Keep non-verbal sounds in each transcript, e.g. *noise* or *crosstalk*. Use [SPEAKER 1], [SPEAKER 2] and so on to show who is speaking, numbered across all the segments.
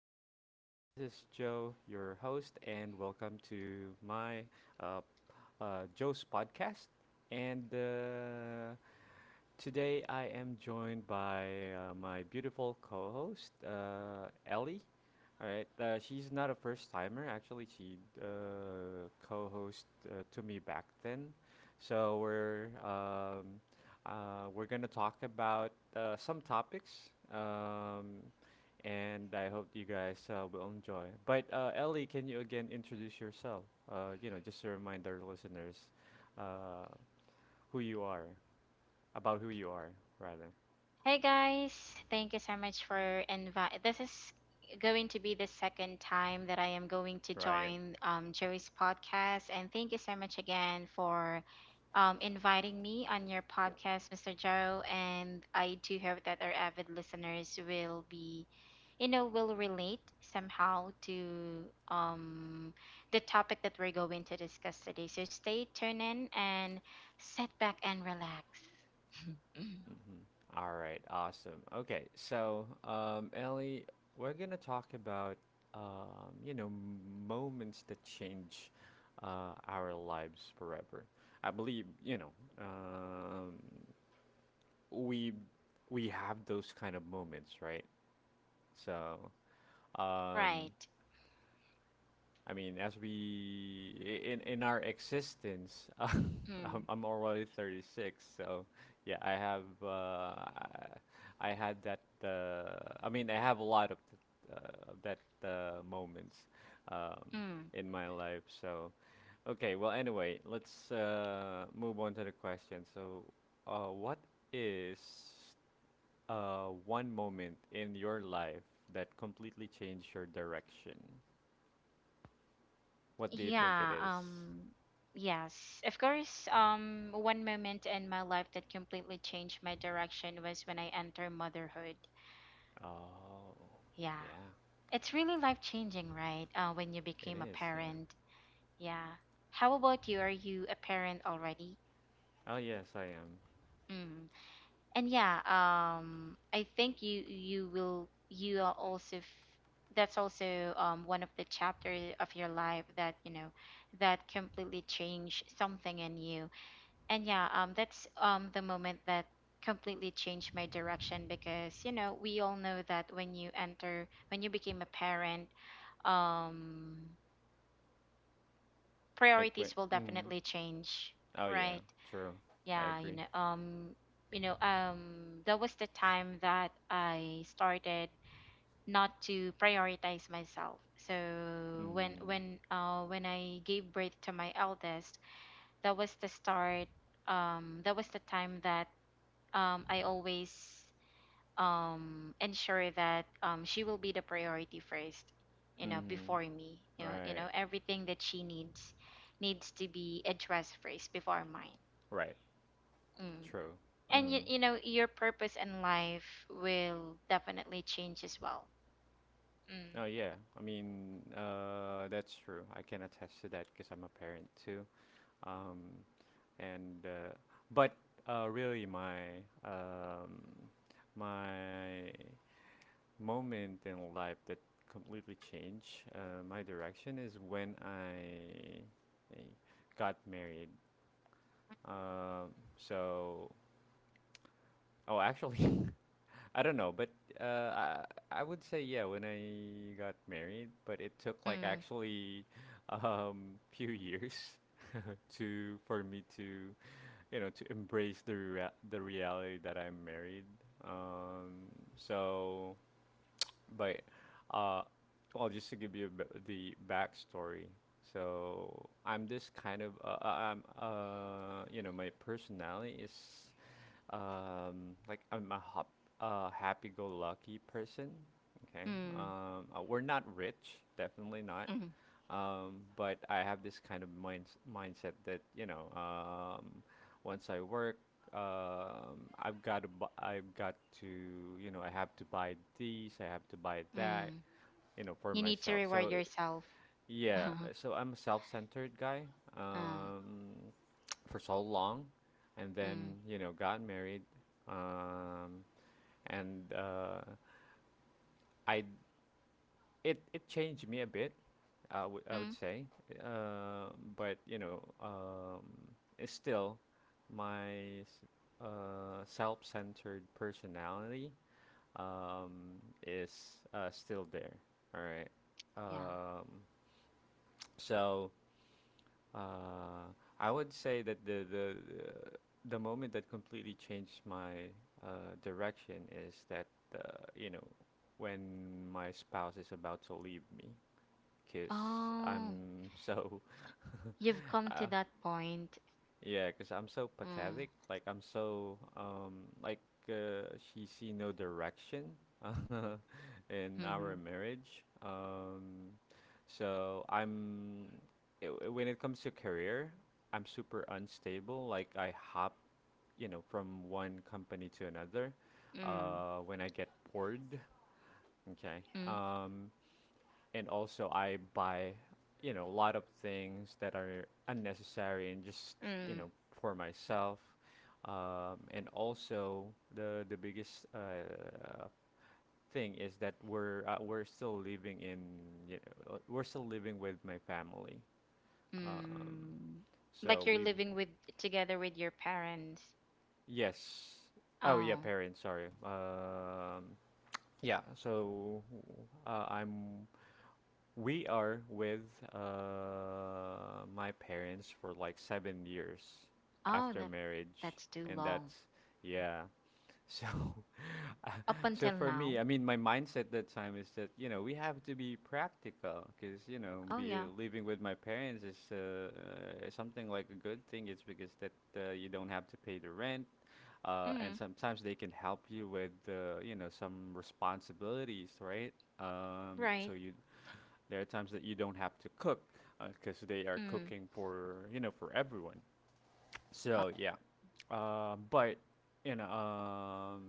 [SPEAKER 1] listeners. This is Joe, your host, and welcome to my uh, Joe's podcast. And Today I am joined by my beautiful co-host, Ellie. All right, she's not a first timer. Actually, she co-host to me back then. So we're gonna talk about some topics, and I hope you guys will enjoy. But Ellie, can you again introduce yourself? You know, just to remind our listeners uh, who you are. About who you are, rather.
[SPEAKER 2] Hey guys, thank you so much for invite. This is going to be the second time that I am going to
[SPEAKER 1] Right.
[SPEAKER 2] join Joey's podcast, and thank you so much again for inviting me on your podcast, Mr. Joe. And I do hope that our avid listeners will be, will relate somehow to the topic that we're going to discuss today. So stay tuned in and sit back and relax. *laughs*
[SPEAKER 1] Mhm. All right. Awesome. Okay. Ellie, we're gonna talk about you know, moments that change our lives forever. I believe you know, um, we we have those kind of moments, right? So um,
[SPEAKER 2] Right.
[SPEAKER 1] I mean, as we I- in our existence, *laughs* I'm,
[SPEAKER 2] Mm.
[SPEAKER 1] I'm already 36, so yeah, I had that. I mean, I have a lot of that moments um,
[SPEAKER 2] Mm.
[SPEAKER 1] in my life. So okay, well, anyway, let's move on to the question. So, what is one moment in your life that completely changed your direction? What do you think it
[SPEAKER 2] Yeah,
[SPEAKER 1] is?
[SPEAKER 2] yes. Of course, one moment in my life that completely changed my direction was when I entered motherhood.
[SPEAKER 1] Oh,
[SPEAKER 2] Yeah.
[SPEAKER 1] yeah,
[SPEAKER 2] It's really life-changing, right? When you
[SPEAKER 1] it
[SPEAKER 2] became a
[SPEAKER 1] is. Yeah.
[SPEAKER 2] parent. Yeah. How about you? Are you a parent already?
[SPEAKER 1] Oh, yes, I am.
[SPEAKER 2] Mm. And yeah, I think you you will you are also f- that's also, one of the chapter of your life that you know that completely changed something in you. And yeah, that's, the moment that completely changed my direction, because, we all know that when you became a parent, um
[SPEAKER 1] Like when.
[SPEAKER 2] priorities will
[SPEAKER 1] Mm.
[SPEAKER 2] definitely change,
[SPEAKER 1] Oh, yeah.
[SPEAKER 2] right?
[SPEAKER 1] True. I
[SPEAKER 2] Yeah,
[SPEAKER 1] agree.
[SPEAKER 2] that was the time that I started not to prioritize myself. So when
[SPEAKER 1] Mm.
[SPEAKER 2] when uh when I gave birth to my eldest, that was the start. That was the time that I always ensure that she will be the priority first, you know,
[SPEAKER 1] Mm-hmm.
[SPEAKER 2] before me.
[SPEAKER 1] Right.
[SPEAKER 2] Everything that she needs to be addressed first before mine.
[SPEAKER 1] Right.
[SPEAKER 2] Mm.
[SPEAKER 1] True.
[SPEAKER 2] And
[SPEAKER 1] Mm-hmm.
[SPEAKER 2] your purpose in life will definitely change as well. Mm.
[SPEAKER 1] Oh, yeah. I mean, that's true. I can attest to that because I'm a parent too. Um, and but really, um, my moment in life that completely changed my direction is when I got married. Um, so, oh, actually, *laughs* I don't know, but uh, I, I would say yeah when I got married, but it took like
[SPEAKER 2] Mm.
[SPEAKER 1] actually few years *laughs* to for me to you know to embrace the the reality that I'm married. Um, so But uh, well, just to give you a bit the backstory. So I'm this kind of I'm you know my personality is like I'm a hop happy-go-lucky person. Okay.
[SPEAKER 2] Mm.
[SPEAKER 1] We're not rich, definitely not.
[SPEAKER 2] Mm.
[SPEAKER 1] But I have this kind of mindset that you know, once I work, I've got to, you know, I have to buy these, I have to buy that,
[SPEAKER 2] Mm.
[SPEAKER 1] you know, for
[SPEAKER 2] You need to
[SPEAKER 1] myself.
[SPEAKER 2] reward
[SPEAKER 1] So
[SPEAKER 2] yourself. *laughs*
[SPEAKER 1] yeah,
[SPEAKER 2] Mm.
[SPEAKER 1] so I'm a self-centered guy.
[SPEAKER 2] Mm.
[SPEAKER 1] Um, *tsk* for so long and then you know got married um and I it changed me a bit, I would
[SPEAKER 2] Mm.
[SPEAKER 1] say, but you know, it's still my self-centered personality um, is still there. All right.
[SPEAKER 2] Yeah.
[SPEAKER 1] Um, so uh, I would say that the moment that completely changed my direction is that you know when my spouse is about to leave me because
[SPEAKER 2] Oh,
[SPEAKER 1] I'm so
[SPEAKER 2] you've come
[SPEAKER 1] *laughs*
[SPEAKER 2] to
[SPEAKER 1] uh,
[SPEAKER 2] that point.
[SPEAKER 1] Yeah, because 'cause I'm so
[SPEAKER 2] Mm.
[SPEAKER 1] pathetic. Like I'm so like she see no direction *laughs* in
[SPEAKER 2] Mm-hmm.
[SPEAKER 1] our marriage. I'm when it comes to career, I'm super unstable. Like I hop, you know, from one company to another
[SPEAKER 2] Mm.
[SPEAKER 1] when I get bored, okay?
[SPEAKER 2] Mm.
[SPEAKER 1] And also I buy, you know, a lot of things that are unnecessary and just, you
[SPEAKER 2] Mm.
[SPEAKER 1] know, for myself. And also the biggest thing is that we're still living in, you know, we're still living with my family. Um,
[SPEAKER 2] Mm. Like,
[SPEAKER 1] so
[SPEAKER 2] you're
[SPEAKER 1] we,
[SPEAKER 2] living with together with your parents?
[SPEAKER 1] yes. Oh yeah,
[SPEAKER 2] Oh.
[SPEAKER 1] parents, sorry. Yeah, so I'm we are with my parents for like 7 years
[SPEAKER 2] Oh,
[SPEAKER 1] after
[SPEAKER 2] that
[SPEAKER 1] marriage,
[SPEAKER 2] that's too
[SPEAKER 1] and
[SPEAKER 2] long.
[SPEAKER 1] that's yeah. So,
[SPEAKER 2] Up
[SPEAKER 1] *laughs* so
[SPEAKER 2] until
[SPEAKER 1] for
[SPEAKER 2] now?
[SPEAKER 1] me, I mean, my mindset that time is that you know we have to be practical because you know
[SPEAKER 2] Oh, yeah.
[SPEAKER 1] living with my parents is something like a good thing. It's because that you don't have to pay the rent, and
[SPEAKER 2] Mm.
[SPEAKER 1] sometimes they can help you with you know some responsibilities, right?
[SPEAKER 2] Right.
[SPEAKER 1] So you there are times that you don't have to cook because they are
[SPEAKER 2] Mm.
[SPEAKER 1] cooking for you know for everyone. So yeah, but you know,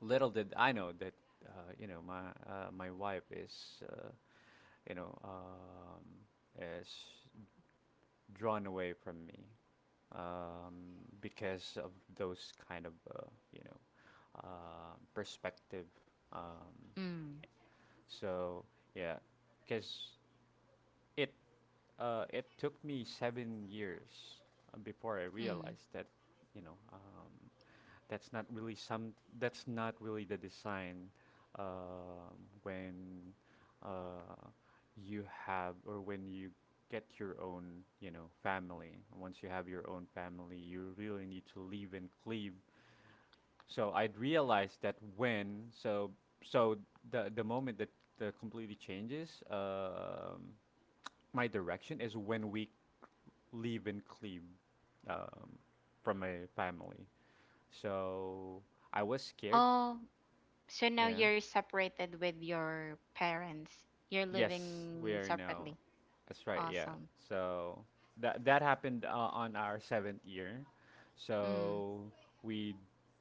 [SPEAKER 1] little did I know that you know my wife is you know is drawn away from me um, because of those kind of you know perspective. Um,
[SPEAKER 2] Mm.
[SPEAKER 1] so yeah, because it it took me 7 years before I
[SPEAKER 2] Mm.
[SPEAKER 1] realized that, you know, that's not really some. that's not really the design when uh, you have or when you get your own, you know, family. Once you have your own family, you really need to leave and cleave. So I'd realized that when so so the moment that the completely changes my direction is when we live in Kleve um, from my family. So I was scared.
[SPEAKER 2] Oh, so now
[SPEAKER 1] Yeah.
[SPEAKER 2] you're separated with your parents. You're
[SPEAKER 1] Yes, we
[SPEAKER 2] living
[SPEAKER 1] are now.
[SPEAKER 2] separately.
[SPEAKER 1] That's right. Yeah.
[SPEAKER 2] Awesome.
[SPEAKER 1] So that that happened on our seventh year.
[SPEAKER 2] Mm.
[SPEAKER 1] So we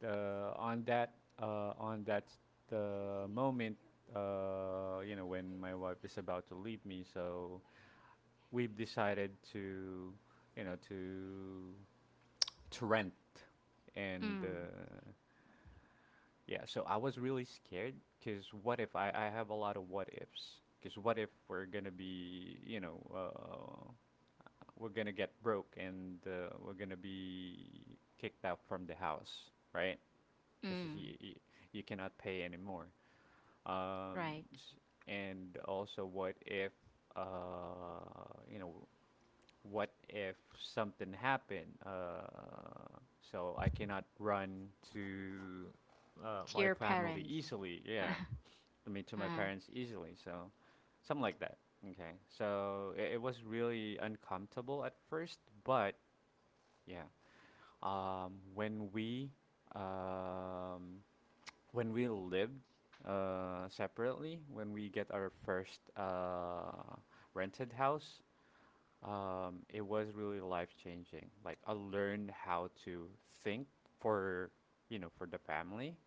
[SPEAKER 1] uh, on that on that the moment you know when my wife is about to leave me. So we've decided to you know to to rent and
[SPEAKER 2] Mm.
[SPEAKER 1] yeah, so I was really scared because what if I have a lot of what ifs? Because what if we're gonna be, you know, we're gonna get broke and we're gonna be kicked out from the house, right? Because
[SPEAKER 2] Mm.
[SPEAKER 1] you cannot pay anymore. Um,
[SPEAKER 2] Right.
[SPEAKER 1] s- and also, what if, uh, you know, what if something happened? So I cannot run to
[SPEAKER 2] To
[SPEAKER 1] my
[SPEAKER 2] your
[SPEAKER 1] family
[SPEAKER 2] parents. *laughs*
[SPEAKER 1] easily. Yeah, I mean to my
[SPEAKER 2] Uh,
[SPEAKER 1] parents easily. So something like that. Okay, so it was really uncomfortable at first, but yeah, um, when we um, when we lived separately, when we get our first rented house, it was really life changing. Like I learned how to think for, you know, for the family.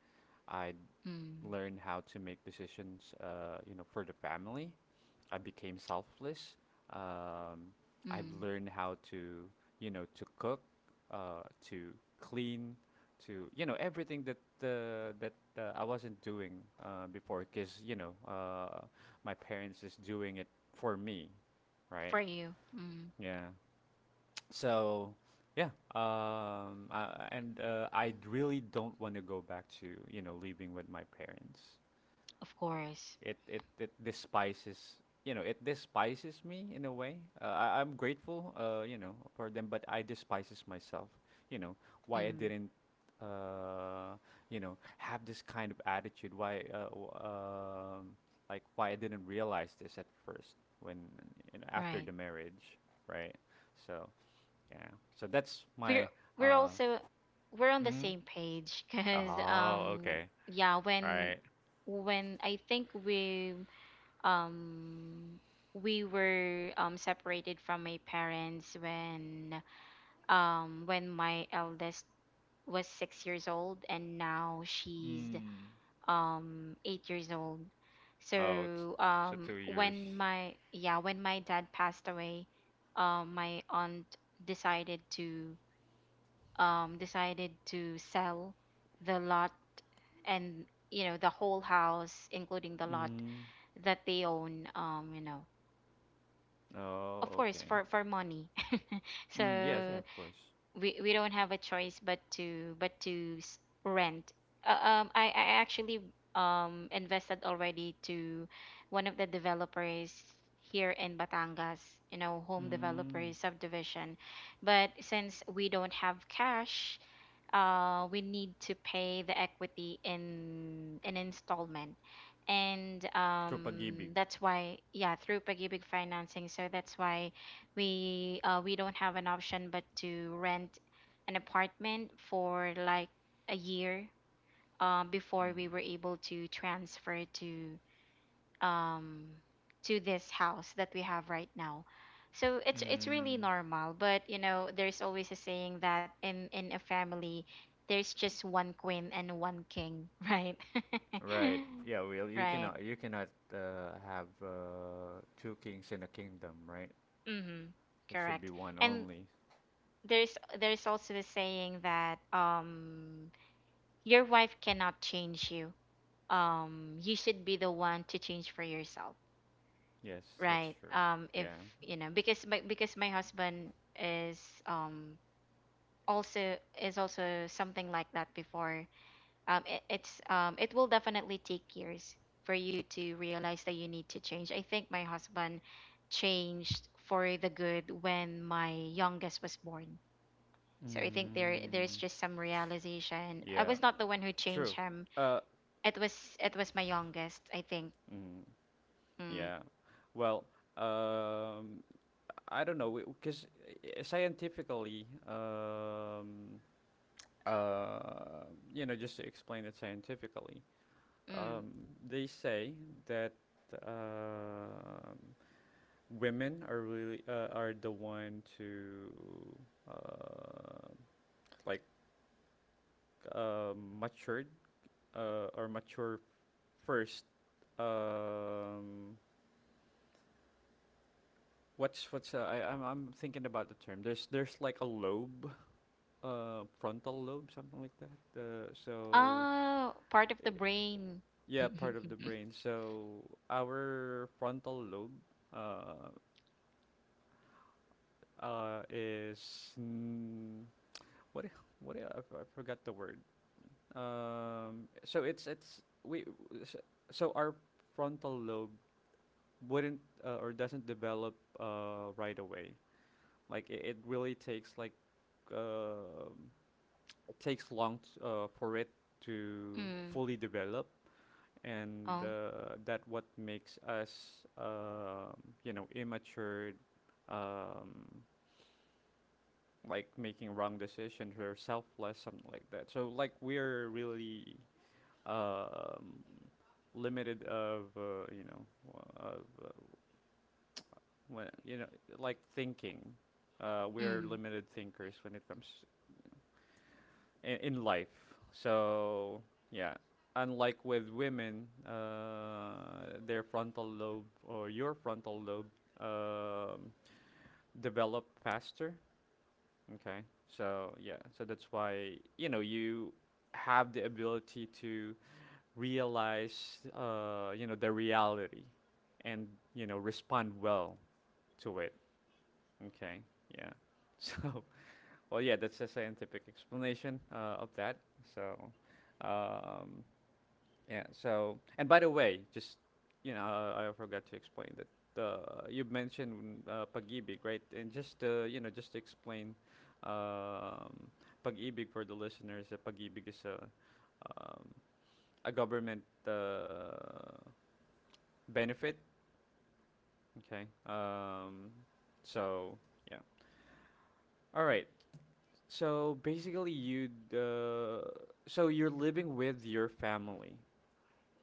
[SPEAKER 1] I
[SPEAKER 2] mm.
[SPEAKER 1] learned how to make decisions, you know, for the family. I became selfless. Um,
[SPEAKER 2] Mm.
[SPEAKER 1] I've learned how to, you know, to cook, to clean, to, you know, everything that I wasn't doing before, because you know, my parents is doing it for me,
[SPEAKER 2] For
[SPEAKER 1] right?
[SPEAKER 2] you. Mm.
[SPEAKER 1] Yeah. So yeah, I really don't want to go back to you know living with my parents.
[SPEAKER 2] Of course.
[SPEAKER 1] It despises you know it despises me in a way. I'm grateful you know for them, but I despises myself. You know why I
[SPEAKER 2] Mm.
[SPEAKER 1] didn't uh, you know have this kind of attitude. Why like why I didn't realize this at first when you know after
[SPEAKER 2] Right.
[SPEAKER 1] the marriage, right? So yeah. So that's
[SPEAKER 2] We're—
[SPEAKER 1] my
[SPEAKER 2] we're
[SPEAKER 1] uh
[SPEAKER 2] also we're on the
[SPEAKER 1] mm,
[SPEAKER 2] same page because,
[SPEAKER 1] oh, okay.
[SPEAKER 2] yeah, when
[SPEAKER 1] Right.
[SPEAKER 2] when I think we, um we were, separated from my parents when, when my eldest was 6 years old, and now she's,
[SPEAKER 1] Mm.
[SPEAKER 2] 8 years old.
[SPEAKER 1] Oh, it's
[SPEAKER 2] So,
[SPEAKER 1] so 2 years.
[SPEAKER 2] when, my yeah, when my dad passed away, my aunt decided to, decided to sell the lot, and, you know, the whole house including the lot
[SPEAKER 1] Mm.
[SPEAKER 2] that they own, you know, of
[SPEAKER 1] Oh,
[SPEAKER 2] course,
[SPEAKER 1] okay.
[SPEAKER 2] for money. *laughs*
[SPEAKER 1] Mm, yes, yeah,
[SPEAKER 2] So
[SPEAKER 1] of course.
[SPEAKER 2] we don't have a choice but to, rent. I actually, invested already to one of the developers here in Batangas, you know, home
[SPEAKER 1] Mm.
[SPEAKER 2] developers subdivision. But since we don't have cash, we need to pay the equity in an installment. And,
[SPEAKER 1] Through pag-ibig.
[SPEAKER 2] that's why, yeah, through Pagibig financing. So that's why we don't have an option but to rent an apartment for like a year before
[SPEAKER 1] Mm.
[SPEAKER 2] we were able to transfer to, um to this house that we have right now. So it's really
[SPEAKER 1] Mm,
[SPEAKER 2] normal, but you know, there's always a saying that in a family there's just one queen and one king. *laughs* Right. *laughs*
[SPEAKER 1] right. Yeah, well,
[SPEAKER 2] Right.
[SPEAKER 1] you cannot have two kings in a kingdom, right?
[SPEAKER 2] Mhm.
[SPEAKER 1] It should be
[SPEAKER 2] Correct.
[SPEAKER 1] one
[SPEAKER 2] And
[SPEAKER 1] only.
[SPEAKER 2] there's also the saying that, your wife cannot change you. You should be the one to change for yourself.
[SPEAKER 1] Yes, that's
[SPEAKER 2] Right.
[SPEAKER 1] true.
[SPEAKER 2] If,
[SPEAKER 1] Yeah.
[SPEAKER 2] you know, because my, because my husband is, um also is also something like that before. It, it's, it will definitely take years for you to realize that you need to change. I think my husband changed for the good when my youngest was born. So I think there, there's
[SPEAKER 1] Mm,
[SPEAKER 2] just some realization. I
[SPEAKER 1] yeah,
[SPEAKER 2] was not the one who changed
[SPEAKER 1] true.
[SPEAKER 2] him.
[SPEAKER 1] Uh,
[SPEAKER 2] It was, it was my youngest, I think.
[SPEAKER 1] mm,
[SPEAKER 2] Mm.
[SPEAKER 1] Yeah. Well, um, I don't know because scientifically, uh, you know, just to explain it scientifically,
[SPEAKER 2] Mm.
[SPEAKER 1] um, they say that um women are really are the one to uh, like uh, matured or mature first, um, what's I'm thinking about the term. There's like a lobe, frontal lobe, something like that.
[SPEAKER 2] Ah, part of
[SPEAKER 1] Uh,
[SPEAKER 2] the brain.
[SPEAKER 1] yeah, part of the
[SPEAKER 2] *laughs*
[SPEAKER 1] brain. So our frontal lobe, uh, is mm, what I, f- I forgot the word. So it's we w- s- so our frontal lobe wouldn't or doesn't develop right away. Like it really takes like um it takes long for it to
[SPEAKER 2] Mm.
[SPEAKER 1] fully develop and
[SPEAKER 2] Oh.
[SPEAKER 1] that what makes us you know immature, um, like making wrong decisions or selfless something like that, so like we're really um, limited of you know w- of when you know like thinking, we're
[SPEAKER 2] Mm.
[SPEAKER 1] limited thinkers when it comes in life. So yeah, unlike with women, their frontal lobe or your frontal lobe um, develop faster. Okay, so yeah, so that's why you know you have the ability to realize you know the reality and you know respond well to it. Okay, yeah. *laughs* So well, yeah, that's a scientific explanation of that. So, um, yeah. So, and by the way, just you know, I forgot to explain that you mentioned pag-ibig, right? And just you know, just to explain um, pag-ibig for the listeners, pag-ibig is um, a government uh, benefit. Okay. So yeah. All right. So basically, you're living with your family,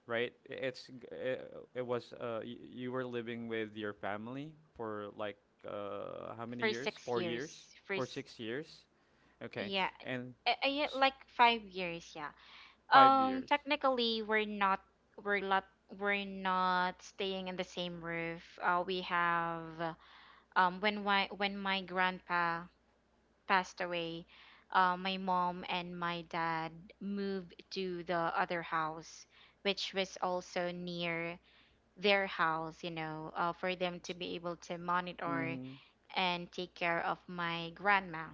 [SPEAKER 1] right? I- It's g- it was y- you were living with your family for like how many
[SPEAKER 2] First
[SPEAKER 1] years?
[SPEAKER 2] six
[SPEAKER 1] 4 years?
[SPEAKER 2] years.
[SPEAKER 1] For
[SPEAKER 2] First,
[SPEAKER 1] 6 years? Okay,
[SPEAKER 2] yeah.
[SPEAKER 1] and
[SPEAKER 2] I, yeah,
[SPEAKER 1] s-
[SPEAKER 2] like 5 years, yeah.
[SPEAKER 1] five years.
[SPEAKER 2] Technically, we're not, we're not, we're not staying in the same roof. We have, when my grandpa passed away, my mom and my dad moved to the other house, which was also near their house, you know, for them to be able to monitor
[SPEAKER 1] Mm-hmm.
[SPEAKER 2] and take care of my grandma.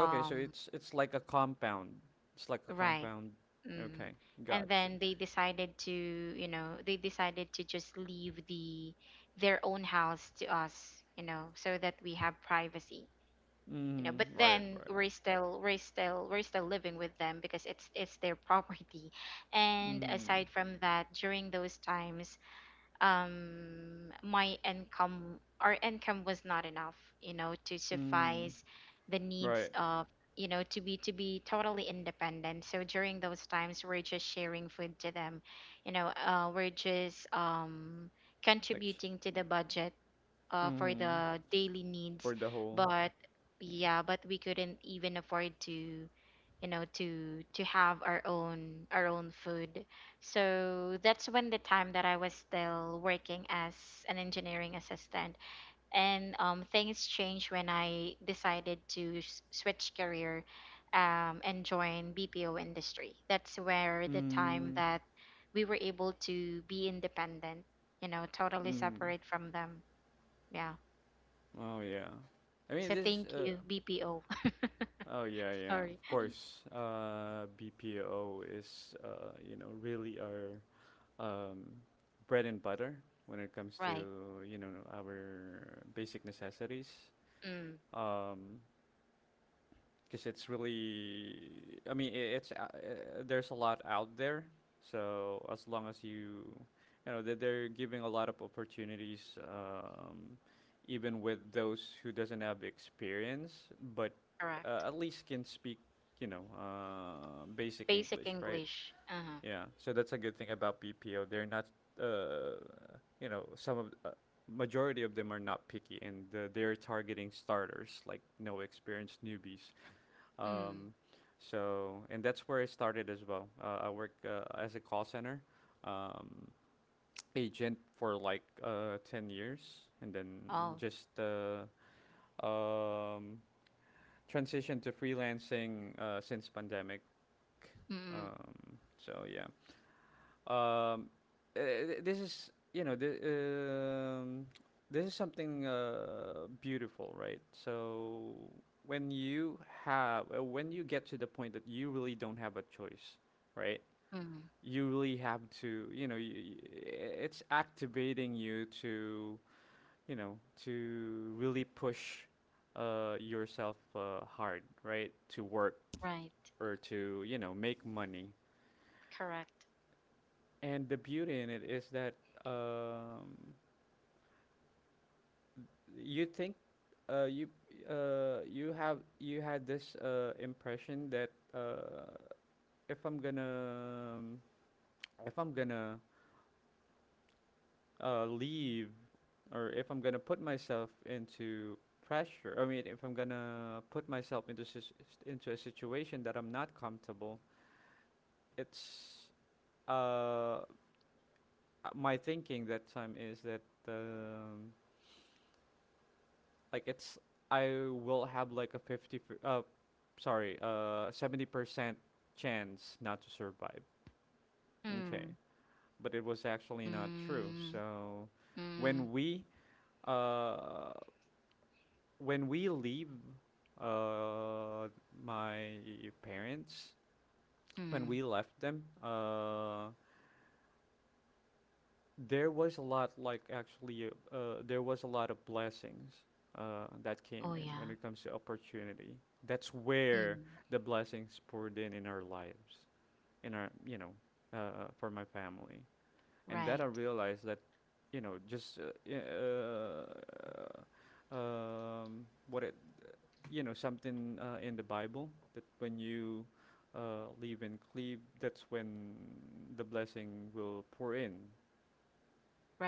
[SPEAKER 1] Okay, so it's like a compound. It's like a
[SPEAKER 2] right.
[SPEAKER 1] compound.
[SPEAKER 2] Mm.
[SPEAKER 1] Okay,
[SPEAKER 2] And
[SPEAKER 1] gotcha.
[SPEAKER 2] then they decided to, you know, they decided to just leave the their own house to us, you know, so that we have privacy. You know, but
[SPEAKER 1] Mm-hmm. Right,
[SPEAKER 2] then
[SPEAKER 1] right.
[SPEAKER 2] we're still, we're still living with them because it's their *laughs* property. And
[SPEAKER 1] Mm-hmm.
[SPEAKER 2] aside from that, during those times, my income, our income was not enough, you know, to
[SPEAKER 1] Mm-hmm.
[SPEAKER 2] suffice the needs
[SPEAKER 1] Right.
[SPEAKER 2] of, you know, to be, to be totally independent. So during those times, we're just sharing food to them, you know. We're just,
[SPEAKER 1] Like.
[SPEAKER 2] contributing to the budget, for
[SPEAKER 1] Mm-hmm.
[SPEAKER 2] the daily needs.
[SPEAKER 1] For the whole.
[SPEAKER 2] But
[SPEAKER 1] Yeah.
[SPEAKER 2] yeah, but we couldn't even afford to, you know, to have our own, our own food. So that's when the time that I was still working as an engineering assistant, and, things changed when I decided to switch career. And join BPO industry. That's where the time
[SPEAKER 1] Mm,
[SPEAKER 2] that we were able to be independent, you know, totally
[SPEAKER 1] mm.
[SPEAKER 2] separate from them. Yeah.
[SPEAKER 1] Oh yeah. I mean
[SPEAKER 2] So
[SPEAKER 1] this
[SPEAKER 2] thank
[SPEAKER 1] uh
[SPEAKER 2] you, BPO. *laughs*
[SPEAKER 1] Oh yeah, yeah.
[SPEAKER 2] Sorry.
[SPEAKER 1] Of course. BPO is you know really our um bread and butter when it comes
[SPEAKER 2] Right.
[SPEAKER 1] to you know our basic necessities.
[SPEAKER 2] Mm.
[SPEAKER 1] Um because it's really I mean I it's there's a lot out there, so as long as you you know that they're giving a lot of opportunities, even with those who doesn't have experience, but
[SPEAKER 2] Correct.
[SPEAKER 1] at least can speak you know basic
[SPEAKER 2] Basic
[SPEAKER 1] English, right?
[SPEAKER 2] English. Uh-huh.
[SPEAKER 1] Yeah, so that's a good thing about BPO, they're not uh, you know some of majority of them are not picky, and they're targeting starters like no experienced newbies,
[SPEAKER 2] Mm.
[SPEAKER 1] um, so, and that's where I started as well. I worked as a call center um, agent for like 10 years, and then
[SPEAKER 2] Oh.
[SPEAKER 1] just um, transitioned to freelancing since pandemic.
[SPEAKER 2] Mm.
[SPEAKER 1] Um, so, yeah. Um, this is you know the *tsk* this is something beautiful, right? So when you have when you get to the point that you really don't have a choice, right?
[SPEAKER 2] Mm.
[SPEAKER 1] You really have to you know you, it's activating you to you know to really push yourself hard, right? To work
[SPEAKER 2] Right.
[SPEAKER 1] or to you know make money.
[SPEAKER 2] Correct.
[SPEAKER 1] And the beauty in it is that um, you think you you have you had this impression that if I'm gonna if I'm gonna leave or if I'm gonna put myself into pressure, I mean, if I'm gonna put myself into into a situation that I'm not comfortable, it's uh, uh, my thinking that time is that um, like it's I will have like a 70% chance not to survive.
[SPEAKER 2] Mm.
[SPEAKER 1] Okay. But it was actually not true.
[SPEAKER 2] Mm.
[SPEAKER 1] So
[SPEAKER 2] Mm.
[SPEAKER 1] when we uh when we leave uh my parents, when
[SPEAKER 2] Mm.
[SPEAKER 1] we left them, there was a lot, like actually there was a lot of blessings that
[SPEAKER 2] Oh
[SPEAKER 1] came in when
[SPEAKER 2] yeah.
[SPEAKER 1] it comes to opportunity. That's where
[SPEAKER 2] Mm.
[SPEAKER 1] the blessings poured in our lives, in our you know for my family. And that I
[SPEAKER 2] Right.
[SPEAKER 1] realized that you know just what it you know something in the Bible, that when you live in cleave, that's when the blessing will pour in.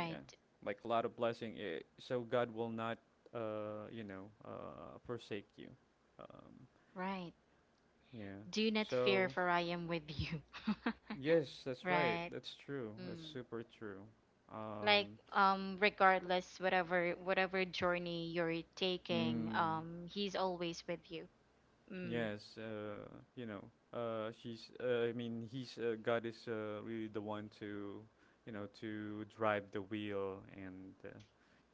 [SPEAKER 1] Yeah, like a lot of blessing. So God will not, you know, forsake you. Um,
[SPEAKER 2] Right.
[SPEAKER 1] yeah.
[SPEAKER 2] Do not fear,
[SPEAKER 1] So
[SPEAKER 2] for I am with you. *laughs*
[SPEAKER 1] yes, that's right.
[SPEAKER 2] Right.
[SPEAKER 1] That's true. That's
[SPEAKER 2] Mm.
[SPEAKER 1] super true.
[SPEAKER 2] Like,
[SPEAKER 1] Um,
[SPEAKER 2] regardless whatever, whatever journey you're taking,
[SPEAKER 1] mm,
[SPEAKER 2] he's always with you. Mm.
[SPEAKER 1] yes. You know, he's. God is really the one to, you know, to drive the wheel, and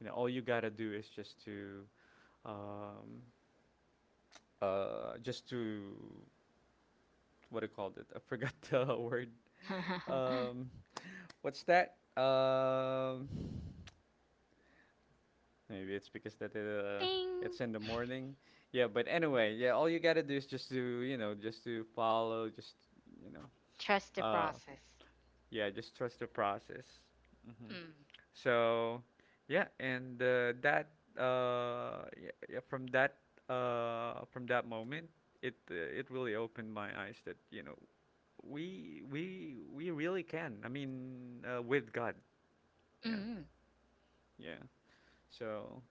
[SPEAKER 1] you know, all you gotta do is um, just to what do you call it? I forgot *laughs* the word.
[SPEAKER 2] *laughs*
[SPEAKER 1] Um, what's that? Maybe it's because that
[SPEAKER 2] Ding!
[SPEAKER 1] it's in the morning. Yeah, but anyway, yeah. All you gotta do is just to you know just to follow, just you know,
[SPEAKER 2] Trust the
[SPEAKER 1] uh,
[SPEAKER 2] process.
[SPEAKER 1] yeah, just trust the process. Hmm.
[SPEAKER 2] Mm.
[SPEAKER 1] So, yeah, and that yeah, yeah, from that moment, it really opened my eyes that you know we really can. I mean, with God, yeah,
[SPEAKER 2] Mm.
[SPEAKER 1] yeah. So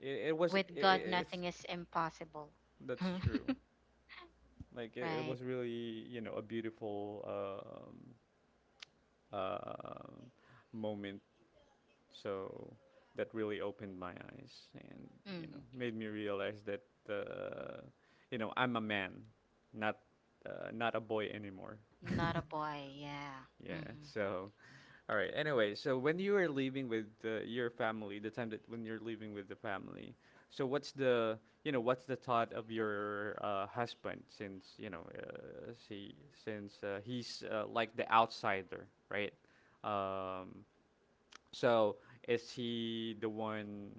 [SPEAKER 1] it was
[SPEAKER 2] With
[SPEAKER 1] I
[SPEAKER 2] God,
[SPEAKER 1] it's
[SPEAKER 2] nothing is impossible. *laughs*
[SPEAKER 1] that's true. Like it
[SPEAKER 2] Right.
[SPEAKER 1] was really you know a beautiful uh, moment. So that really opened my eyes and you know
[SPEAKER 2] Mm.
[SPEAKER 1] made me realize that uh, you know I'm a man, not not a boy anymore. *laughs*
[SPEAKER 2] Not a boy. Yeah.
[SPEAKER 1] Yeah.
[SPEAKER 2] Hmm.
[SPEAKER 1] So all right. Anyway, so when you are leaving with your family, the time that when you're leaving with the family, so what's the you know what's the thought of your husband, since you know she since he's like the outsider, right? Um, so is he the one,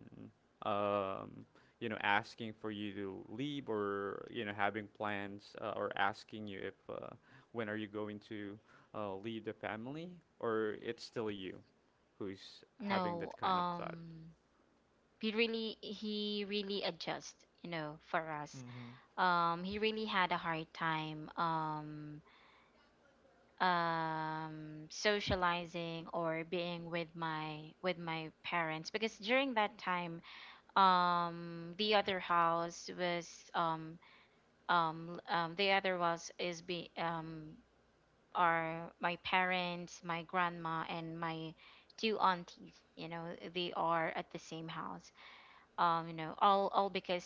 [SPEAKER 1] um, you know, asking for you to leave, or, you know, having plans or asking you if when are you going to leave the family? Or it's still you who's having that
[SPEAKER 2] No.
[SPEAKER 1] kind of thought?
[SPEAKER 2] He really adjust. You know, for us.
[SPEAKER 1] Mm-hmm.
[SPEAKER 2] He really had a hard time. Socializing or being with my, with my parents because during that time, the other house was, um, the other was is be um, are my parents, my grandma, and my two aunties, you know, they are at the same house, you know, all because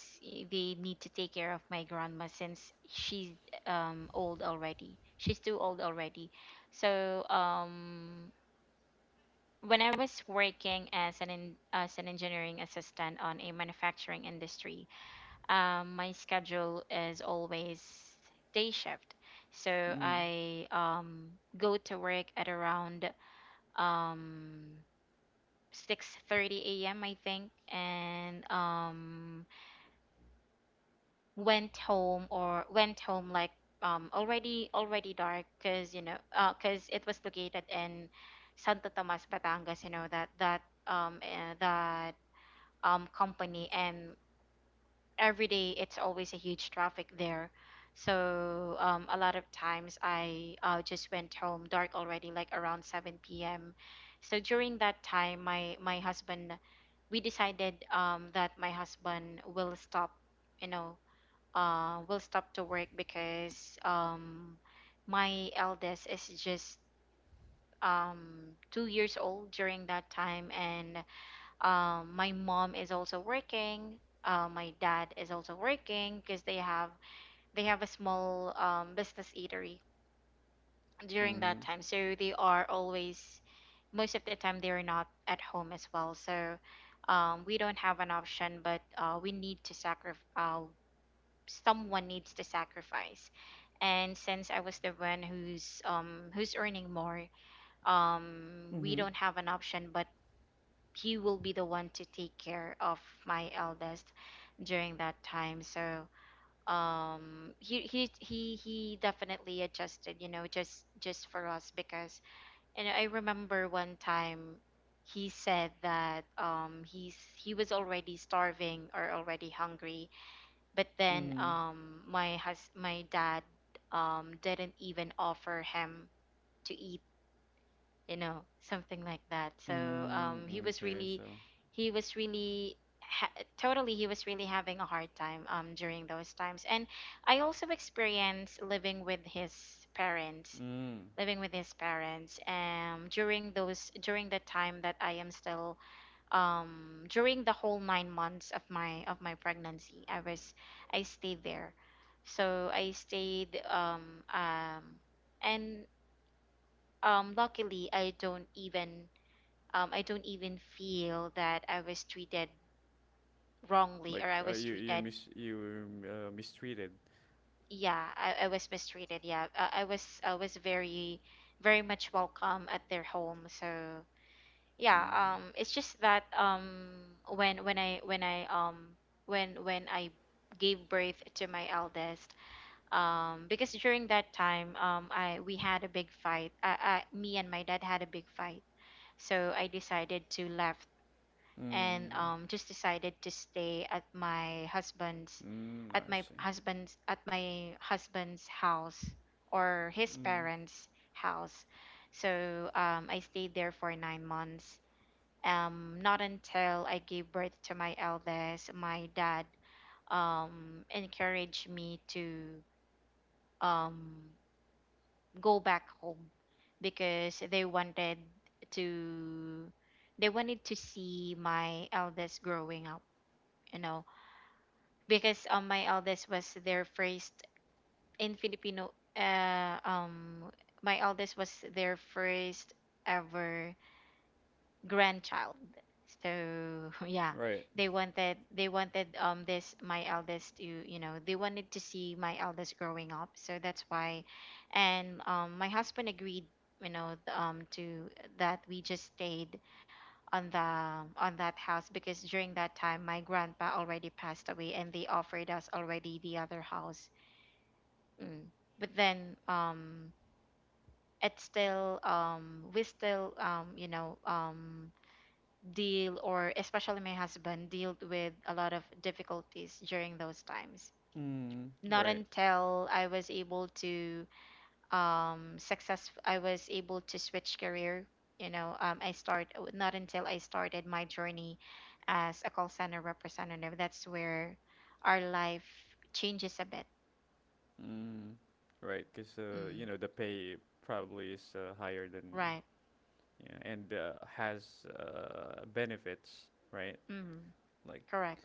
[SPEAKER 2] they need to take care of my grandma since she's, old already, she's too old already. So, when I was working as an as an engineering assistant on a manufacturing industry, my schedule is always day shift. So
[SPEAKER 1] Mm.
[SPEAKER 2] I, go to work at around, um, 6:30 a.m. I think, and, went home, or went home like, already, already dark, because you know, 'cause, because it was located in Santo Tomas, Batangas. You know, that, that, um, uh, that company, and every day it's always a huge traffic there. So, a lot of times I just went home dark already, like around 7 p.m. So during that time, my husband, we decided, that my husband will stop, you know, will stop to work because, my eldest is just, 2 years old during that time, and, my mom is also working, my dad is also working, because they have, they have a small, business eatery during that
[SPEAKER 1] Mm.
[SPEAKER 2] time, so they are always, most of the time they're not at home as well. So, we don't have an option, but, we need to sacrifice, someone needs to sacrifice. And since I was the one who's, who's earning more, we
[SPEAKER 1] Mm-hmm.
[SPEAKER 2] don't have an option but he will be the one to take care of my eldest during that time. So he definitely adjusted, just for us because and I remember one time, he said that he was already starving or already hungry, but then
[SPEAKER 1] Mm-hmm.
[SPEAKER 2] my dad didn't even offer him to eat, something like that. So
[SPEAKER 1] Mm. Okay, so.
[SPEAKER 2] he was really having a hard time during those times. And I also experienced living with his parents,
[SPEAKER 1] Mm.
[SPEAKER 2] during the time that I am still, during the whole 9 months of my pregnancy. I stayed there. So i stayed um um and um luckily I don't even feel that I was treated wrongly
[SPEAKER 1] Like
[SPEAKER 2] or I was treated.
[SPEAKER 1] you were, mistreated.
[SPEAKER 2] Yeah, I was mistreated. Yeah, I was very, very much welcome at their home. So, yeah.
[SPEAKER 1] Mm.
[SPEAKER 2] It's just that, when when I when I um when I gave birth to my eldest. Because during that time, I we had a big fight. I Me and my dad had a big fight. So I decided to left, and
[SPEAKER 1] Mm.
[SPEAKER 2] just decided to stay at my husband's,
[SPEAKER 1] Mm,
[SPEAKER 2] at
[SPEAKER 1] I
[SPEAKER 2] my
[SPEAKER 1] see.
[SPEAKER 2] husband's at my husband's house, or his
[SPEAKER 1] Mm,
[SPEAKER 2] parents' house. So I stayed there for 9 months. Not until I gave birth to my eldest, my dad encouraged me to um, go back home because to they wanted to see my eldest growing up, you know because my eldest was their first in Filipino, my eldest was their first ever grandchild. So *laughs* yeah,
[SPEAKER 1] right.
[SPEAKER 2] they wanted this my eldest to they wanted to see my eldest growing up. So that's why. And my husband agreed, to that we just stayed on the on that house because during that time my grandpa already passed away and they offered us already the other house. Mm. But then it's still we still, deal, or especially my husband dealt with a lot of difficulties during those times.
[SPEAKER 1] Mm,
[SPEAKER 2] Not
[SPEAKER 1] right.
[SPEAKER 2] until I was able to switch career, I start not until I started my journey as a call center representative, that's where our life changes a bit.
[SPEAKER 1] Mm, right. Because you
[SPEAKER 2] Mm,
[SPEAKER 1] know the pay probably is higher than
[SPEAKER 2] right.
[SPEAKER 1] yeah, and has benefits, right?
[SPEAKER 2] Mm.
[SPEAKER 1] Like
[SPEAKER 2] Correct.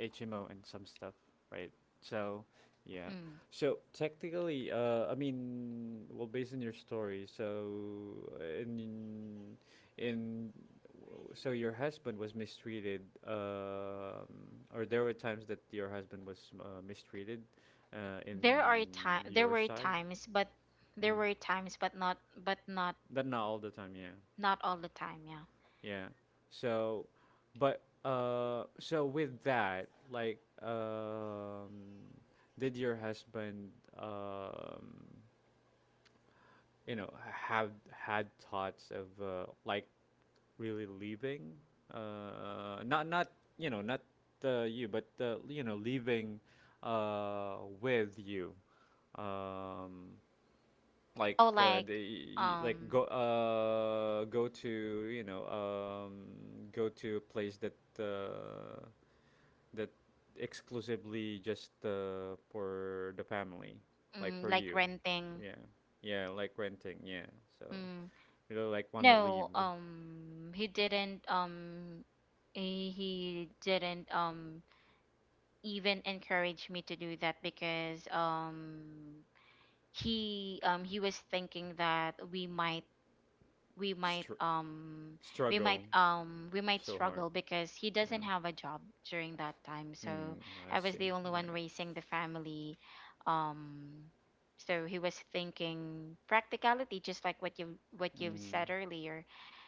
[SPEAKER 1] HMO and some stuff, right? So, yeah.
[SPEAKER 2] Mm.
[SPEAKER 1] So technically, I mean, well, based on your story, so in in so your husband was mistreated, um, or there were times that your husband was mistreated, in
[SPEAKER 2] There
[SPEAKER 1] your
[SPEAKER 2] were
[SPEAKER 1] side.
[SPEAKER 2] times,
[SPEAKER 1] Mm-hmm.
[SPEAKER 2] but not, but not
[SPEAKER 1] That not all the time, yeah.
[SPEAKER 2] all the time, yeah.
[SPEAKER 1] Yeah. So, but so with that, like, did your husband, um, you know, have had thoughts of like really leaving? Not not you know not you, but you know leaving with you. Um, like
[SPEAKER 2] Oh, like,
[SPEAKER 1] they like
[SPEAKER 2] um
[SPEAKER 1] go go to you know go to a place that uh that exclusively just for the family, like for
[SPEAKER 2] like
[SPEAKER 1] you.
[SPEAKER 2] renting.
[SPEAKER 1] Yeah, yeah, like renting, yeah. So
[SPEAKER 2] Mm.
[SPEAKER 1] you don't like want to leave.
[SPEAKER 2] No, he didn't. He didn't. Even encourage me to do that because he was thinking that we might
[SPEAKER 1] str-
[SPEAKER 2] um
[SPEAKER 1] Struggle
[SPEAKER 2] we might
[SPEAKER 1] so hard,
[SPEAKER 2] struggle because he
[SPEAKER 1] you know.
[SPEAKER 2] doesn't have a job during that time. So
[SPEAKER 1] Mm, I
[SPEAKER 2] I was the
[SPEAKER 1] see,
[SPEAKER 2] only
[SPEAKER 1] all
[SPEAKER 2] one
[SPEAKER 1] right.
[SPEAKER 2] raising the family. um so he was thinking practicality, just like what you've
[SPEAKER 1] Mm,
[SPEAKER 2] said earlier.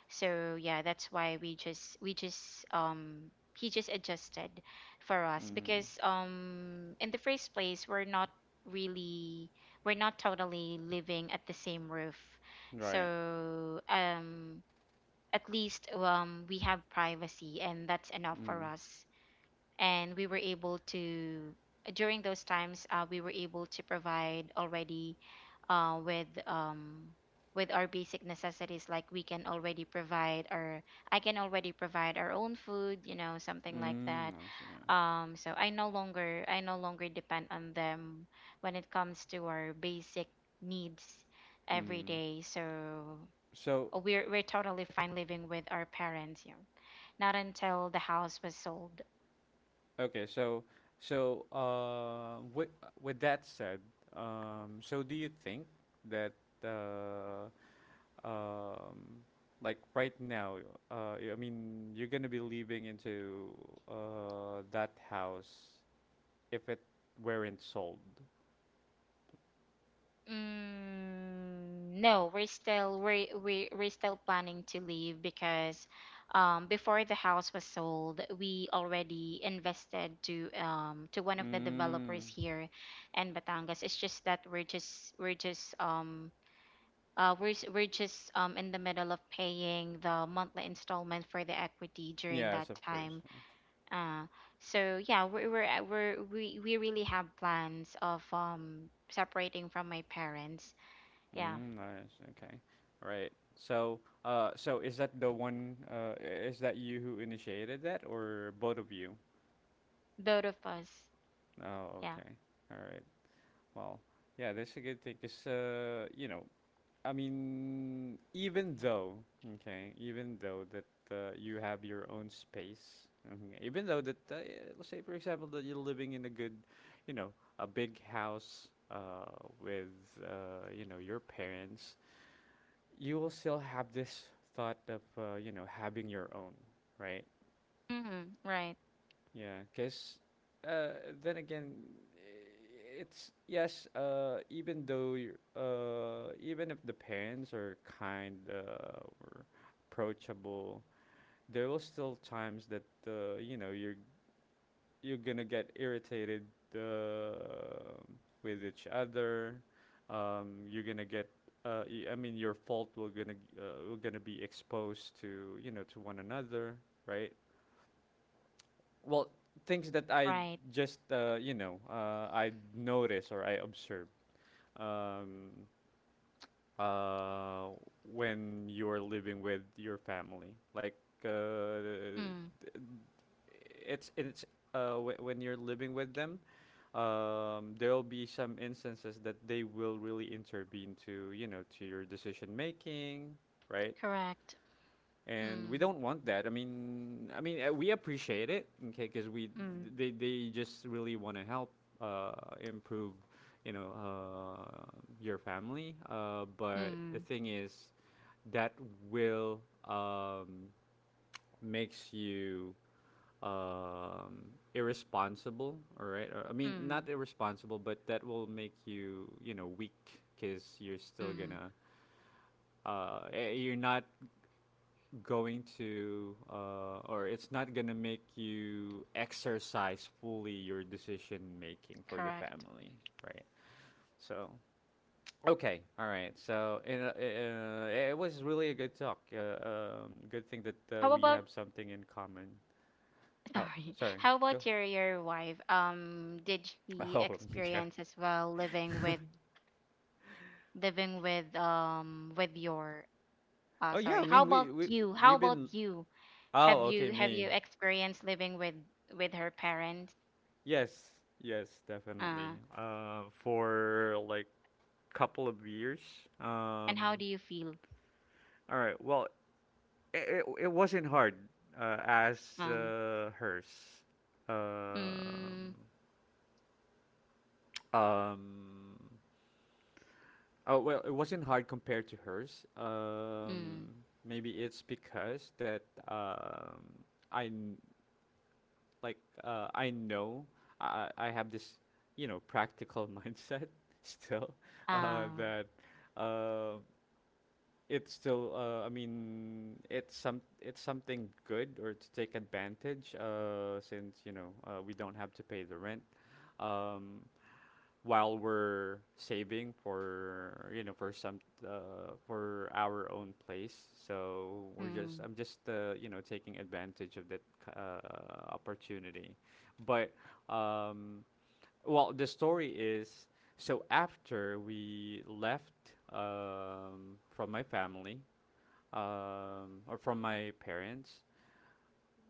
[SPEAKER 2] So yeah, that's why we just he just adjusted for us
[SPEAKER 1] mm,
[SPEAKER 2] because in the first place, really we're not totally living at the same roof.
[SPEAKER 1] right.
[SPEAKER 2] So, at least, we have privacy, and that's enough for
[SPEAKER 1] Mm,
[SPEAKER 2] us. And we were able to during those times, we were able to provide already, uh, with um, with our basic necessities. Like we can already provide our I can already provide our own food, something like
[SPEAKER 1] mm,
[SPEAKER 2] that.
[SPEAKER 1] I see, yeah.
[SPEAKER 2] So I no longer depend on them when it comes to our basic needs every
[SPEAKER 1] Mm.
[SPEAKER 2] day. So.
[SPEAKER 1] So
[SPEAKER 2] Oh, we're totally fine living with our parents. Not until the house was sold.
[SPEAKER 1] okay, so so with that said, so do you think that uh, um, like right now, I mean, you're gonna be living into that house if it weren't sold?
[SPEAKER 2] Mm, no, we're still planning to leave because before the house was sold, we already invested to one of the developers
[SPEAKER 1] Mm,
[SPEAKER 2] here in Batangas. It's just that we're, s- we're just in the middle of paying the monthly installment for the equity during
[SPEAKER 1] yes,
[SPEAKER 2] that
[SPEAKER 1] of course.
[SPEAKER 2] time. Uh, so yeah, we really have plans of separating from my parents.
[SPEAKER 1] Yeah.
[SPEAKER 2] Yeah,
[SPEAKER 1] Mm, nice. Okay. Right. So, so is that the one? Is that you who initiated that, or both of you?
[SPEAKER 2] both of us.
[SPEAKER 1] Oh,
[SPEAKER 2] Yeah.
[SPEAKER 1] okay. All right. Well, yeah, that's a good thing because, you know, I mean, even though, okay, even though that you have your own space, okay, even though that, let's say, for example, that you're living in a good, you know, a big house with, you know, your parents, you will still have this thought of, you know, having your own, right?
[SPEAKER 2] Mm-hmm. Right.
[SPEAKER 1] Yeah, because then again, it's yes. Even though you even if the parents are kind or approachable, there will still times that you know you're gonna get irritated uh, with each other. You're gonna get. I mean, your fault will gonna be exposed to you know to one another, right? Well, things that I
[SPEAKER 2] Right.
[SPEAKER 1] just you know I notice or I observe um, uh, when you're living with your family, like uh,
[SPEAKER 2] Mm.
[SPEAKER 1] it's it's when you're living with them, there'll be some instances that they will really intervene to you know to your decision making, right?
[SPEAKER 2] Correct.
[SPEAKER 1] And we don't
[SPEAKER 2] Mm,
[SPEAKER 1] want that. I mean, we appreciate it, okay, because we
[SPEAKER 2] mm,
[SPEAKER 1] they just really want to help uh, improve, you know, your family. But the thing
[SPEAKER 2] mm,
[SPEAKER 1] is, that will makes you um, irresponsible. All right, or I mean, not
[SPEAKER 2] mm,
[SPEAKER 1] irresponsible, but that will make you, you know, weak because you're still gonna.
[SPEAKER 2] mm.
[SPEAKER 1] You're not going to or it's not gonna make you exercise fully your decision making for the family,
[SPEAKER 2] Correct.
[SPEAKER 1] right? So okay all right. So it was really a good talk, good thing that
[SPEAKER 2] How
[SPEAKER 1] we
[SPEAKER 2] about
[SPEAKER 1] have something in common.
[SPEAKER 2] *laughs*
[SPEAKER 1] Oh
[SPEAKER 2] sorry?
[SPEAKER 1] sorry
[SPEAKER 2] How
[SPEAKER 1] go.
[SPEAKER 2] about your wife? Did
[SPEAKER 1] *laughs*
[SPEAKER 2] she
[SPEAKER 1] Oh *laughs* yeah.
[SPEAKER 2] experience as well living with, with your...
[SPEAKER 1] Oh yeah,
[SPEAKER 2] Sorry.
[SPEAKER 1] I
[SPEAKER 2] How
[SPEAKER 1] mean we
[SPEAKER 2] about
[SPEAKER 1] we
[SPEAKER 2] you? How
[SPEAKER 1] we've
[SPEAKER 2] about
[SPEAKER 1] been
[SPEAKER 2] you?
[SPEAKER 1] oh
[SPEAKER 2] Have
[SPEAKER 1] okay
[SPEAKER 2] you have
[SPEAKER 1] me
[SPEAKER 2] you experienced living with her parents?
[SPEAKER 1] yes yes definitely
[SPEAKER 2] Uh,
[SPEAKER 1] for like couple of years.
[SPEAKER 2] and how
[SPEAKER 1] um
[SPEAKER 2] do you feel?
[SPEAKER 1] all right. Well, it wasn't hard as
[SPEAKER 2] Um,
[SPEAKER 1] hers. Um,
[SPEAKER 2] mm,
[SPEAKER 1] um, oh well, it wasn't hard compared to hers.
[SPEAKER 2] mm,
[SPEAKER 1] Maybe it's because that um, I kn- like I know I have this you know practical *laughs* mindset still
[SPEAKER 2] uh,
[SPEAKER 1] that um, it's still it's some it's something good or to take advantage since you know we don't have to pay the rent, um, while we're saving for you know for some for our own place. So we're just I'm
[SPEAKER 2] mm,
[SPEAKER 1] just you know taking advantage of that opportunity. But um, well the story is so after we left from my family or from my parents.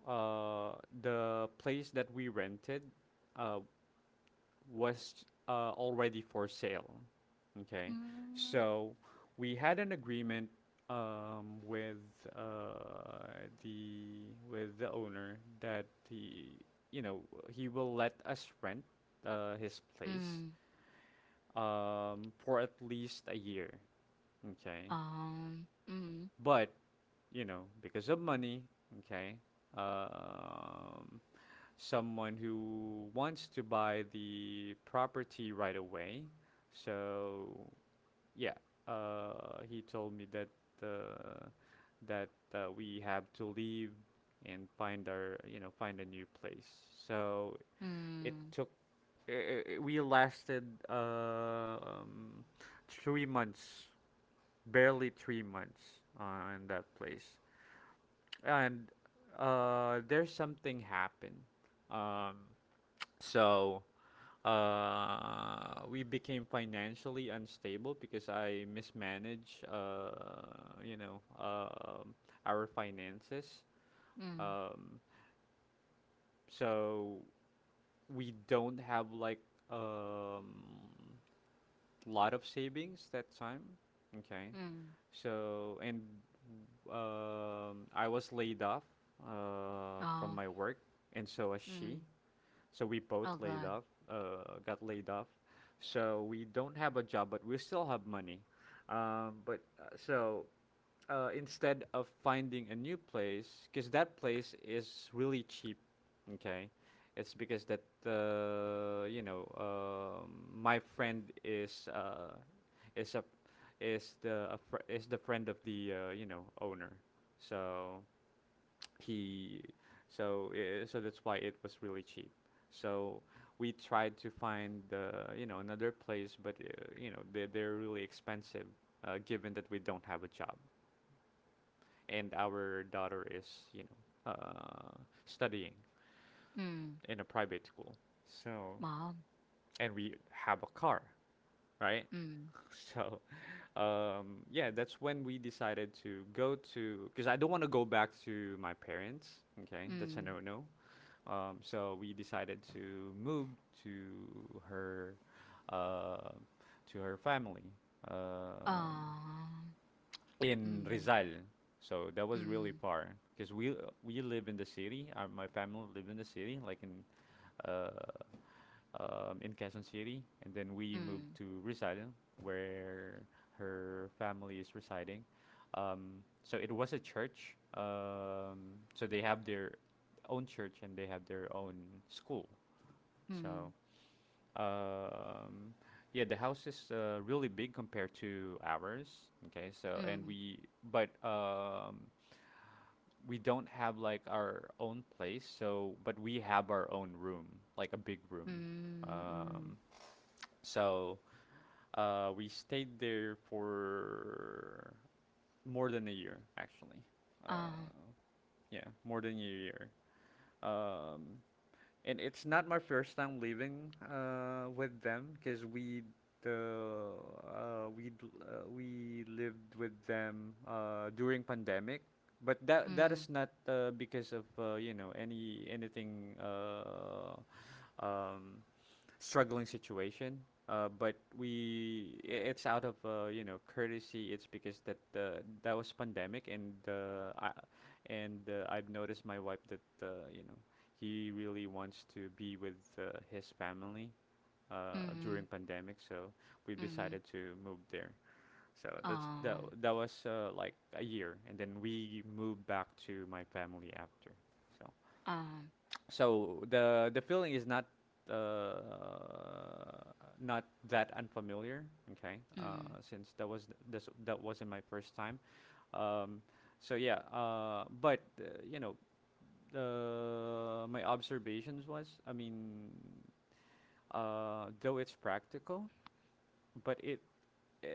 [SPEAKER 1] Uh, the place that we rented uh, was already for sale. Okay,
[SPEAKER 2] mm,
[SPEAKER 1] so we had an agreement with uh, the with the owner that he you know he will let us rent his place
[SPEAKER 2] mm,
[SPEAKER 1] for at least a year. Okay,
[SPEAKER 2] mm,
[SPEAKER 1] but you know, because of money, okay, um, someone who wants to buy the property right away. So yeah, he told me that uh, we have to leave and find our, you know, find a new place. So it
[SPEAKER 2] mm,
[SPEAKER 1] took. We lasted uh, um, 3 months, barely 3 months in that place and there's something happened. Um, so we became financially unstable because I mismanaged, you know, um our finances.
[SPEAKER 2] mm,
[SPEAKER 1] Um, so we don't have like um lot of savings that time. Okay.
[SPEAKER 2] mm,
[SPEAKER 1] So, and I was laid off from my
[SPEAKER 2] oh,
[SPEAKER 1] work, and so was she.
[SPEAKER 2] mm,
[SPEAKER 1] So we both
[SPEAKER 2] oh
[SPEAKER 1] laid
[SPEAKER 2] God,
[SPEAKER 1] off, got laid off. So we don't have a job, but we still have money. But so Instead of finding a new place, because that place is really cheap, okay? It's because that uh, you know uh, my friend is a is the a fr- is the friend of the owner, so he so I so that's why it was really cheap. So we tried to find another place, but they're really expensive, given that we don't have a job and our daughter is you know uh, studying
[SPEAKER 2] mm,
[SPEAKER 1] in a private school, so
[SPEAKER 2] mom,
[SPEAKER 1] and we have a car, right?
[SPEAKER 2] mm,
[SPEAKER 1] *laughs* So yeah, that's when we decided to go to, because I don't want to go back to my parents. Okay, that's a
[SPEAKER 2] mm,
[SPEAKER 1] no-no. So we decided to move to her, uh, to her family, um,
[SPEAKER 2] um,
[SPEAKER 1] in
[SPEAKER 2] mm,
[SPEAKER 1] Rizal. So that was really
[SPEAKER 2] mm,
[SPEAKER 1] far because we live in the city. My family live in the city, like uh, in Quezon City, and then we moved
[SPEAKER 2] mm,
[SPEAKER 1] to Rizal, where her family is residing. So it was a church. So they have their own church and they have their own school. So
[SPEAKER 2] mm,
[SPEAKER 1] um, yeah, the house is really big compared to ours. Okay, so and
[SPEAKER 2] mm,
[SPEAKER 1] we, but we don't have like our own place. So but we have our own room, like a big room.
[SPEAKER 2] mm,
[SPEAKER 1] Um,
[SPEAKER 2] mm,
[SPEAKER 1] so we stayed there for more than a year actually.
[SPEAKER 2] mm.
[SPEAKER 1] Uh, yeah, more than a year. Um, and it's not my first time living with them, because the uh, we we lived with them during pandemic, but that is
[SPEAKER 2] Mm,
[SPEAKER 1] not because of anything, um, struggling situation. But it's out of courtesy. It's because that that was pandemic, and I've noticed my wife that he really wants to be with his family during
[SPEAKER 2] mhm,
[SPEAKER 1] pandemic. So we've decided
[SPEAKER 2] mhm.
[SPEAKER 1] to move there. So that's that.
[SPEAKER 2] Um,
[SPEAKER 1] That was like a year, and then we moved back to my family after. So,
[SPEAKER 2] um,
[SPEAKER 1] so the feeling is not uh, not that unfamiliar, okay?
[SPEAKER 2] mm,
[SPEAKER 1] Since that wasn't my first time. Um, so yeah, my observations was, I mean, though it's practical, but it, uh,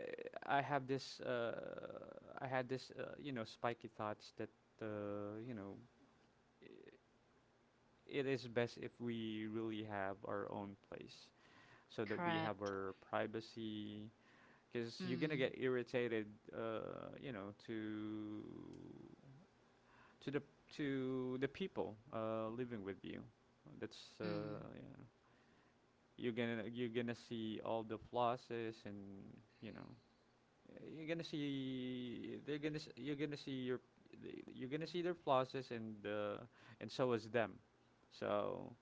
[SPEAKER 1] I have this uh, I had this spiky thoughts that, uh, you know. it is best if we really have our own place, so that we have
[SPEAKER 2] correct.
[SPEAKER 1] our privacy, because you're gonna
[SPEAKER 2] Mm,
[SPEAKER 1] get irritated uh, you know to to the, to the people living with you, that's
[SPEAKER 2] mm,
[SPEAKER 1] yeah. You're gonna, you're gonna see all the flosses and, you know, you're gonna see your you're gonna see their flosses, and so is them, so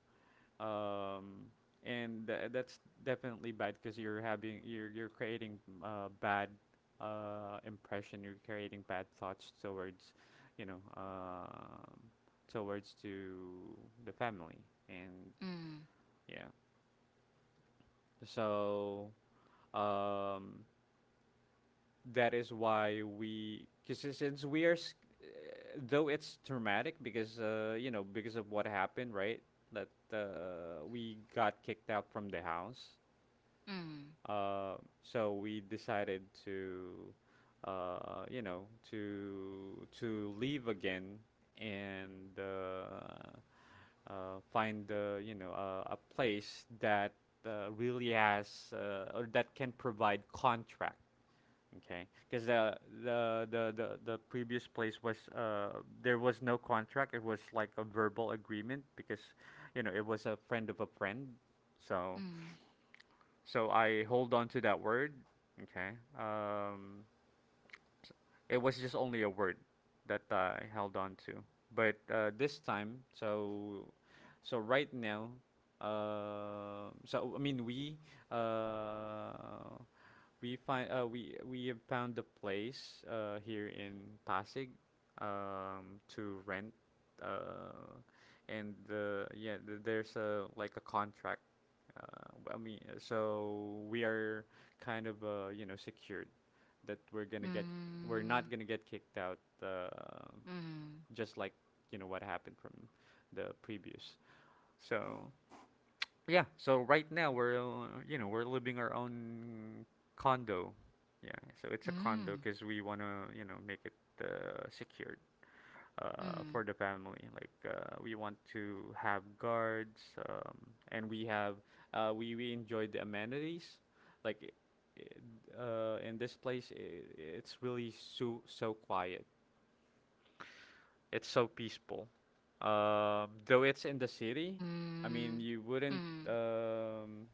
[SPEAKER 1] um, and that's definitely bad because you're having, you're creating bad impression. You're creating bad thoughts towards, you know, towards to the family, and
[SPEAKER 2] mm,
[SPEAKER 1] yeah. So um, that is why we, because since we are, though it's traumatic because, because of what happened, right? That we got kicked out from the house.
[SPEAKER 2] mm,
[SPEAKER 1] Uh, so we decided to, you know, to leave again and find, a place that really has, or that can provide contract. Okay, because the, the previous place was, uh, there was no contract. It was like a verbal agreement because, you know, it was a friend of a friend, so
[SPEAKER 2] mm,
[SPEAKER 1] so I hold on to that word. Okay. It was just only a word that I held on to. But this time, so so right now, I mean we, uh, we find we have found a place here in Pasig, to rent, uh and yeah, there's a, like a contract, so we are kind of you know secured that we're gonna get, we're
[SPEAKER 2] mm,
[SPEAKER 1] not gonna get kicked out,
[SPEAKER 2] mm,
[SPEAKER 1] just like, you know, what happened from the previous, so yeah, so right now we're, we're living our own condo. Yeah, so it's
[SPEAKER 2] mm,
[SPEAKER 1] a condo
[SPEAKER 2] mm,
[SPEAKER 1] because we wanna, you know, make it secured for the family. Like we want to have guards, um, and we have we enjoy the amenities. Like in this place, I it's really so so quiet. It's so peaceful. Though it's in the city, I
[SPEAKER 2] mm,
[SPEAKER 1] mean you wouldn't.
[SPEAKER 2] mm,
[SPEAKER 1] Um,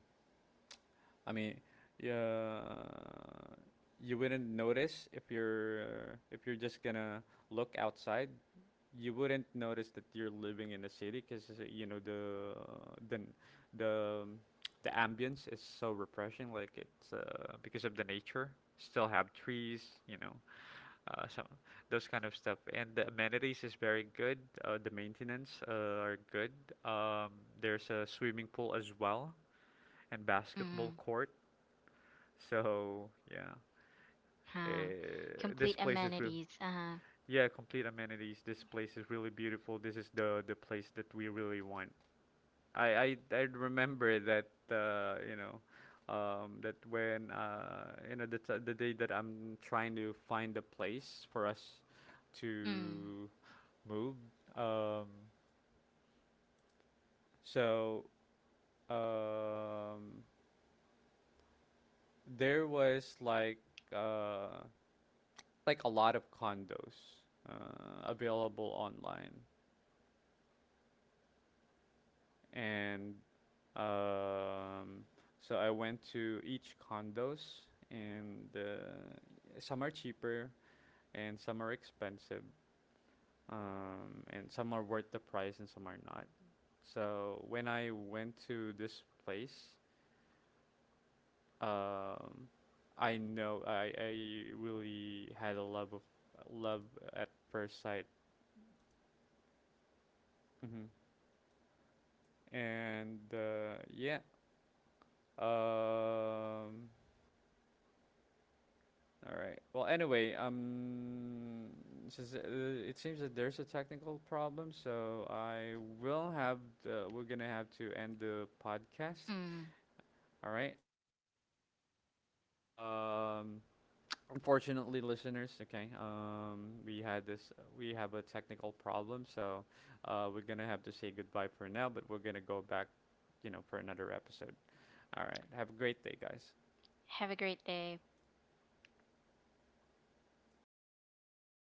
[SPEAKER 1] I mean, yeah, you wouldn't notice if you're just gonna look outside. You wouldn't notice that you're living in a city because, you know, the, the the ambience is so refreshing. Like it's because of the nature. Still have trees, you know, some those kind of stuff. And the amenities is very good. The maintenance are good. Um, there's a swimming pool as well, and
[SPEAKER 2] mm.
[SPEAKER 1] basketball court, so yeah,
[SPEAKER 2] Huh. Complete
[SPEAKER 1] this place is real.
[SPEAKER 2] amenities. Uh-huh.
[SPEAKER 1] Yeah, complete amenities. This place is really beautiful. This is the place that we really want. I remember that, that when, the day that I'm trying to find a place for us to move. Um, so um, there was like. Uh, like a lot of condos available online, and um, so I went to each condos, and some are cheaper and some are expensive, and some are worth the price and some are not. So when I went to this place, um, I know I really had a love of, love at first sight. Hmm. And yeah. Um. All right. Well, anyway, since it seems that there's a technical problem, so I will have the, we're gonna have to end the podcast. All right. So, um, unfortunately, listeners, okay, we had this, we have a technical problem, so we're gonna have to say goodbye for now, but we're gonna go back, you know, for another episode. All right. Have a great day, guys.